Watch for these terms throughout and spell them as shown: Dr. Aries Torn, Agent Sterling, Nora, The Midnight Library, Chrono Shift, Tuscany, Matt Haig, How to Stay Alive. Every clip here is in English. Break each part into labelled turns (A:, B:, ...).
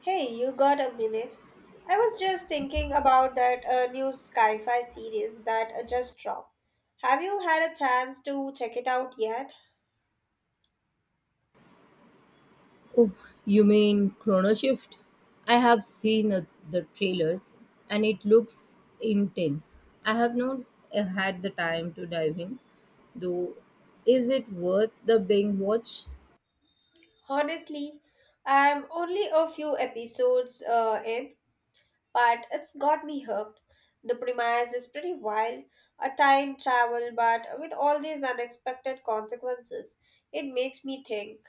A: Hey, you got a minute? I was just thinking about that new sci-fi series that just dropped. Have you had a chance to check it out yet?
B: Oh, you mean Chrono Shift? I have seen the trailers, and it looks intense. I have not had the time to dive in, though. Is it worth the binge watch?
A: Honestly, I'm only a few episodes in, but it's got me hooked. The premise is pretty wild, a time travel, but with all these unexpected consequences, it makes me think.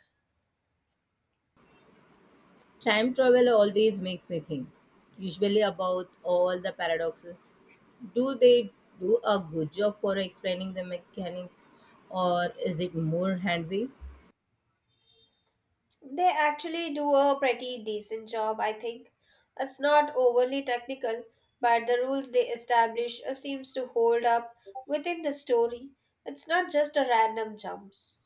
B: Time travel always makes me think, usually about all the paradoxes. Do they do a good job for explaining the mechanics, or is it more hand wavy?
A: They actually do a pretty decent job, I think. It's not overly technical, but the rules they establish seems to hold up within the story. It's not just a random jumps.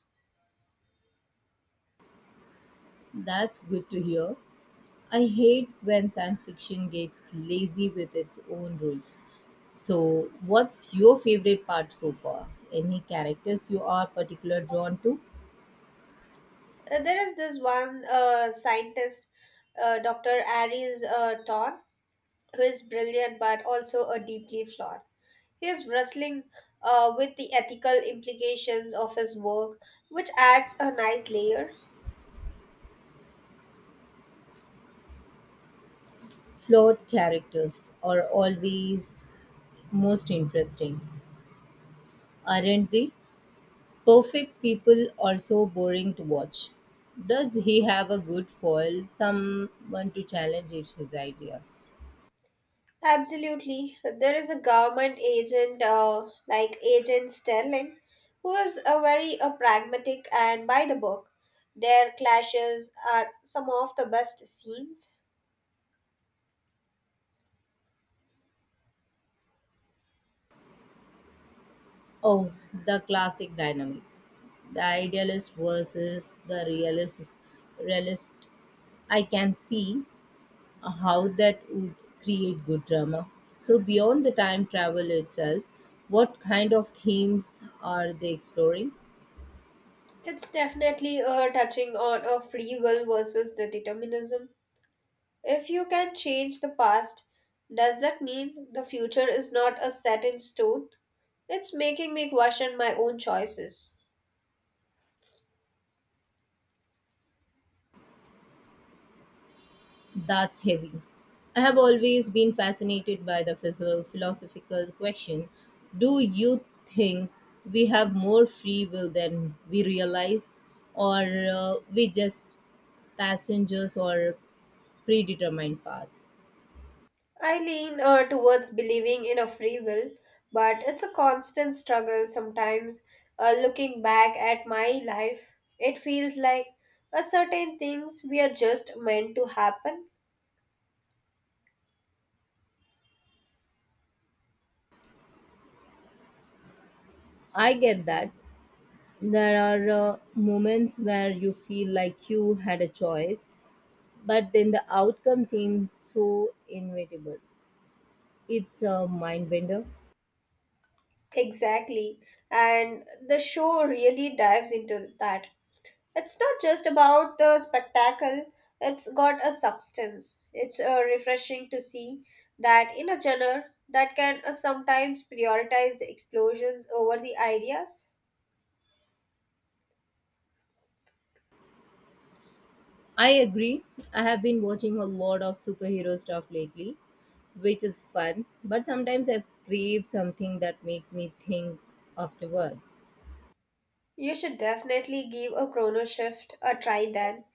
B: That's good to hear. I hate when science fiction gets lazy with its own rules. So, what's your favorite part so far? Any characters you are particularly drawn to?
A: There is this one scientist, Dr. Aries Torn, who is brilliant but also a deeply flawed. He is wrestling with the ethical implications of his work, which adds a nice layer.
B: Flawed characters are always most interesting, aren't they? Perfect people are so boring to watch. Does he have a good foil, someone to his ideas?
A: Absolutely. There is a government agent, like Agent Sterling, who is a very pragmatic and by the book. Their clashes are some of the best scenes.
B: Oh, the classic dynamic. The idealist versus the realist. I can see how that would create good drama. So, beyond the time travel itself, what kind of themes are they exploring?
A: It's definitely touching on a free will versus the determinism. If you can change the past, does that mean the future is not a set in stone? It's making me question my own choices.
B: That's heavy. I have always been fascinated by the philosophical question. Do you think we have more free will than we realize, or we just passengers or predetermined path?
A: I lean towards believing in a free will, but it's a constant struggle sometimes. Looking back at my life, it feels like a certain things we are just meant to happen.
B: I get that. There are moments where you feel like you had a choice, but then the outcome seems so inevitable. It's a mind bender.
A: Exactly. And the show really dives into that. It's not just about the spectacle, it's got a substance. It's refreshing to see that in a genre that can sometimes prioritize the explosions over the ideas.
B: I agree. I have been watching a lot of superhero stuff lately, which is fun, but sometimes I crave something that makes me think afterward.
A: You should definitely give a chrono shift a try then.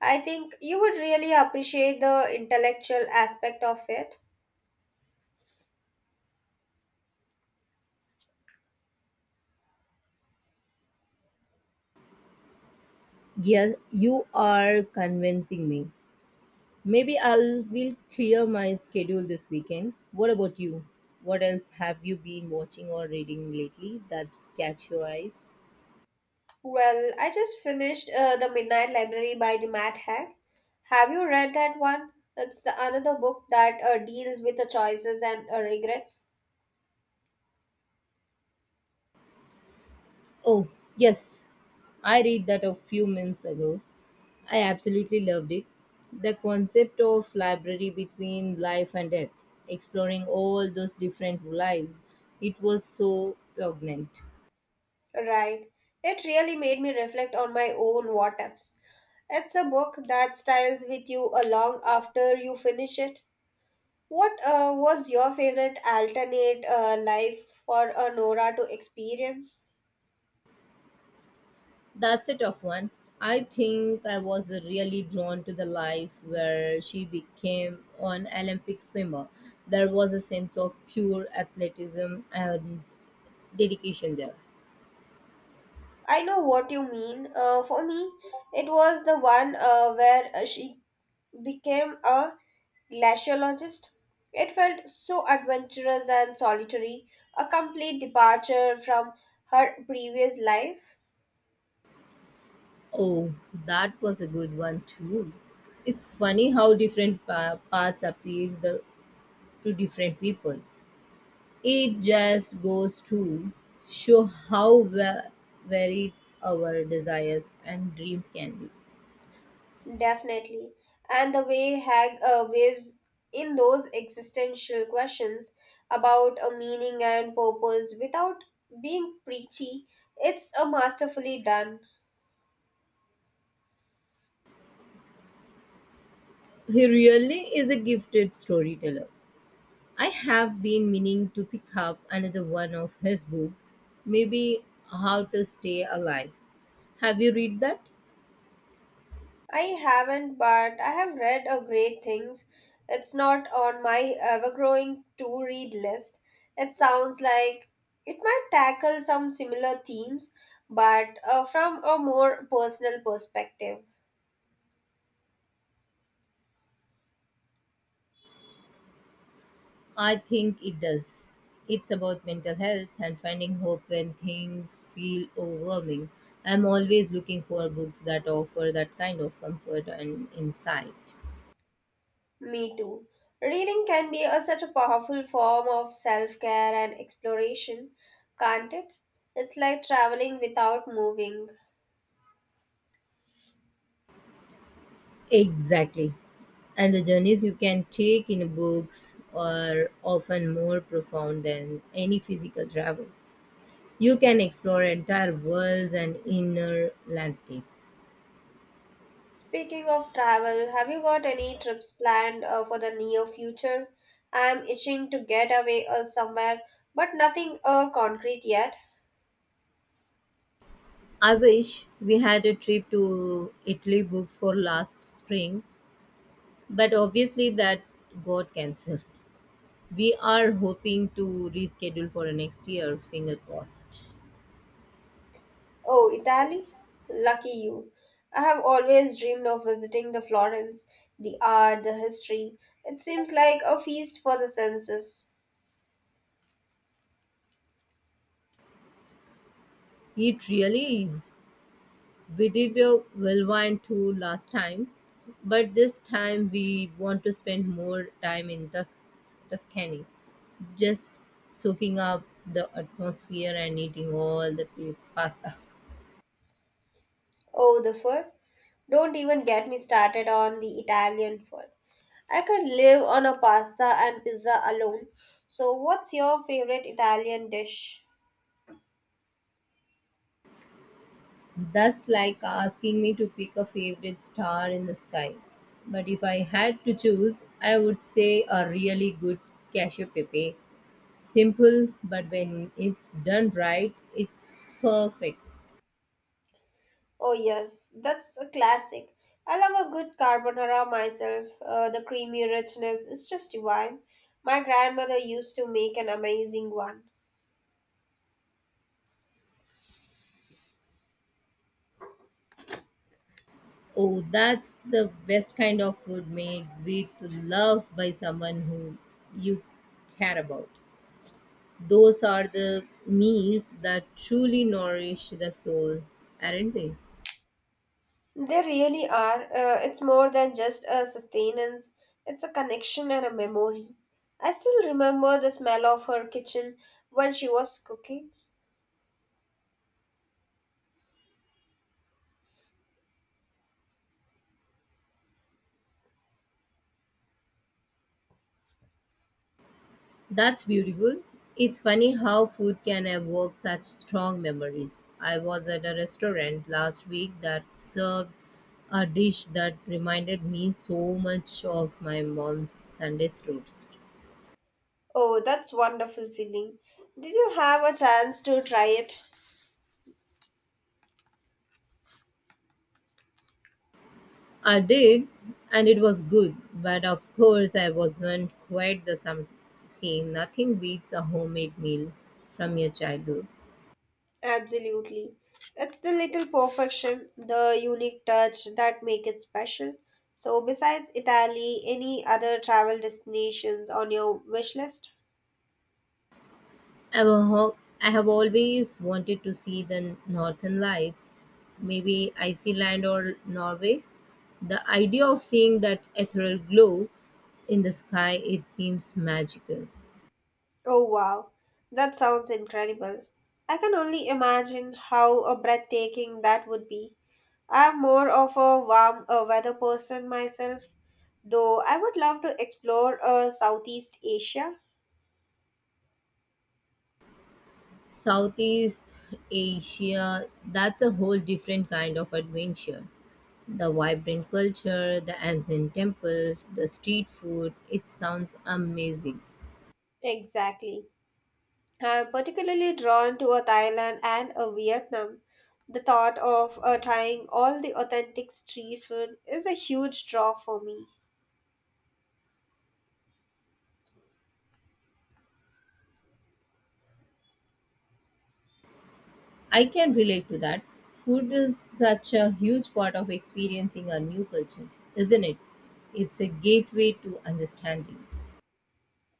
A: I think you would really appreciate the intellectual aspect of it.
B: Yes, you are convincing me. Maybe I'll will clear my schedule this weekend. What about you? What else have you been watching or reading lately that's catch your eyes?
A: Well, I just finished The Midnight Library by the Matt Haig. Have you read that one? It's the another book that deals with the choices and regrets.
B: Oh, yes. I read that a few minutes ago. I absolutely loved it. The concept of library between life and death, exploring all those different lives, it was so poignant.
A: Right. It really made me reflect on my own what ifs. It's a book that styles with you long after you finish it. What was your favorite alternate life for a Nora to experience?
B: That's a tough one. I think I was really drawn to the life where she became an Olympic swimmer. There was a sense of pure athleticism and dedication there.
A: I know what you mean. For me, it was the one where she became a glaciologist. It felt so adventurous and solitary, a complete departure from her previous life.
B: Oh, that was a good one too. It's funny how different paths appeal to different people. It just goes to show how varied our desires and dreams can be.
A: Definitely. And the way Hag waves in those existential questions about a meaning and purpose without being preachy, it's a masterfully done.
B: He really is a gifted storyteller. I have been meaning to pick up another one of his books, maybe How to Stay Alive. Have you read that?
A: I haven't, but I have read a great things. It's not on my ever-growing to-read list. It sounds like it might tackle some similar themes, but from a more personal perspective.
B: I think it does. It's about mental health and finding hope when things feel overwhelming. I'm always looking for books that offer that kind of comfort and insight.
A: Me too. Reading can be a, such a powerful form of self care and exploration, can't it? It's like traveling without moving.
B: Exactly. And the journeys you can take in books are often more profound than any physical travel. You can explore entire worlds and inner landscapes.
A: Speaking of travel, have you got any trips planned for the near future? I'm itching to get away somewhere, but nothing concrete yet.
B: I wish we had a trip to Italy booked for last spring, but obviously that got cancelled. We are hoping to reschedule for next year, finger crossed.
A: Oh, Italy? Lucky you. I have always dreamed of visiting the Florence, the art, the history. It seems like a feast for the senses.
B: It really is. We did a whirlwind tour last time, but this time we want to spend more time in Tuscany, just soaking up the atmosphere and eating all the place pasta.
A: Oh, the food. Don't even get me started on the Italian food. I could live on a pasta and pizza alone. So, what's your favorite Italian dish?
B: That's like asking me to pick a favorite star in the sky. But if I had to choose, I would say a really good cashew pepe. Simple, but when it's done right, it's perfect.
A: Oh, yes, that's a classic. I love a good carbonara myself. The creamy richness is just divine. My grandmother used to make an amazing one.
B: Oh, that's the best kind of food, made with love by someone who you care about. Those are the meals that truly nourish the soul, aren't they?
A: They really are. It's more than just a sustenance, it's a connection and a memory. I still remember the smell of her kitchen when she was cooking.
B: That's beautiful. It's funny how food can evoke such strong memories. I was at a restaurant last week that served a dish that reminded me so much of my mom's Sunday roast.
A: Oh, that's wonderful feeling. Did you have a chance to try it?
B: I did, and it was good, but of course I wasn't quite the same. Nothing beats a homemade meal from your childhood.
A: Absolutely. It's the little perfection, the unique touch that make it special. So besides Italy, any other travel destinations on your wish list?
B: I have, a ho- I have always wanted to see the northern lights, maybe Iceland or Norway. The idea of seeing that ethereal glow in the sky, it seems magical.
A: Oh wow, that sounds incredible. I can only imagine how a breathtaking that would be. I'm more of a warm weather person myself, though I would love to explore Southeast Asia.
B: Southeast Asia, that's a whole different kind of adventure. The vibrant culture, the ancient temples, the street food, it sounds amazing.
A: Exactly. I'm particularly drawn to a Thailand and a Vietnam. The thought of trying all the authentic street food is a huge draw for me.
B: I can relate to that. Food is such a huge part of experiencing a new culture, isn't it? It's a gateway to understanding.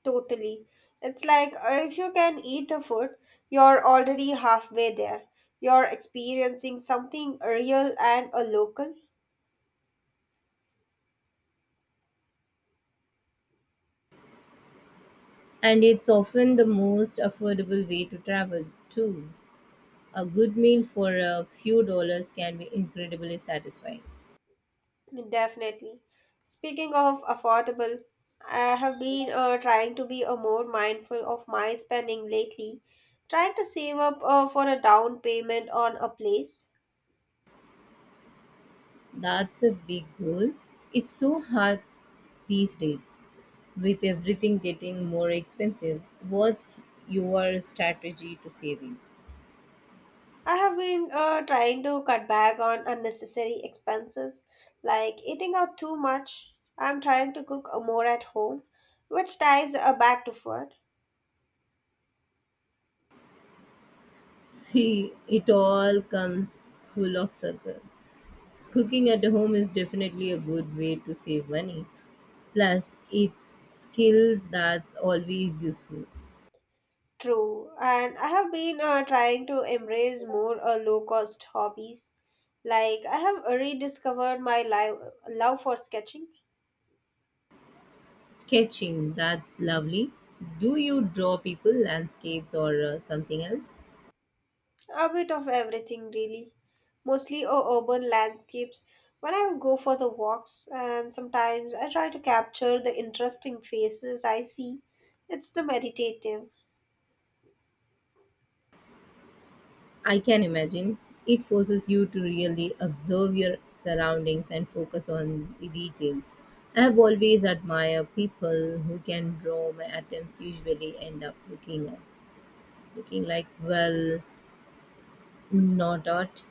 A: Totally. It's like if you can eat the food, you're already halfway there. You're experiencing something real and a local.
B: And it's often the most affordable way to travel, too. A good meal for a few dollars can be incredibly satisfying.
A: Definitely. Speaking of affordable, I have been trying to be a more mindful of my spending lately, trying to save up for a down payment on a place.
B: That's a big goal. It's so hard these days with everything getting more expensive. What's your strategy to saving?
A: I have been trying to cut back on unnecessary expenses like eating out too much. I'm trying to cook more at home, which ties back to food.
B: See, it all comes full of circle. Cooking at home is definitely a good way to save money. Plus, it's skill that's always useful.
A: True, and I have been trying to embrace more low cost hobbies. Like, I have rediscovered my love for sketching.
B: Sketching, that's lovely. Do you draw people, landscapes, or something else?
A: A bit of everything, really. Mostly urban landscapes. When I go for the walks, and sometimes I try to capture the interesting faces I see. It's the meditative.
B: I can imagine. It forces you to really observe your surroundings and focus on the details. I have always admired people who can draw. My attempts usually end up looking like, well, not art.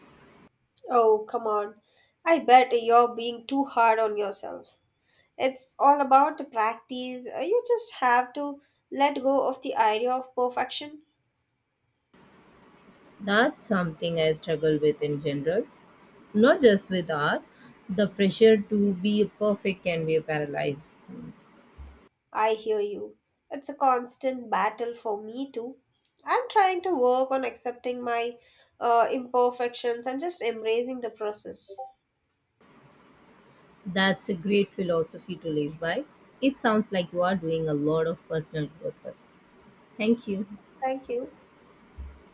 A: Oh, come on. I bet you're being too hard on yourself. It's all about the practice. You just have to let go of the idea of perfection.
B: That's something I struggle with in general. Not just with art. The pressure to be perfect can be paralyzed.
A: I hear you. It's a constant battle for me too. I'm trying to work on accepting my imperfections and just embracing the process.
B: That's a great philosophy to live by. It sounds like you are doing a lot of personal growth work. Thank you.
A: Thank you.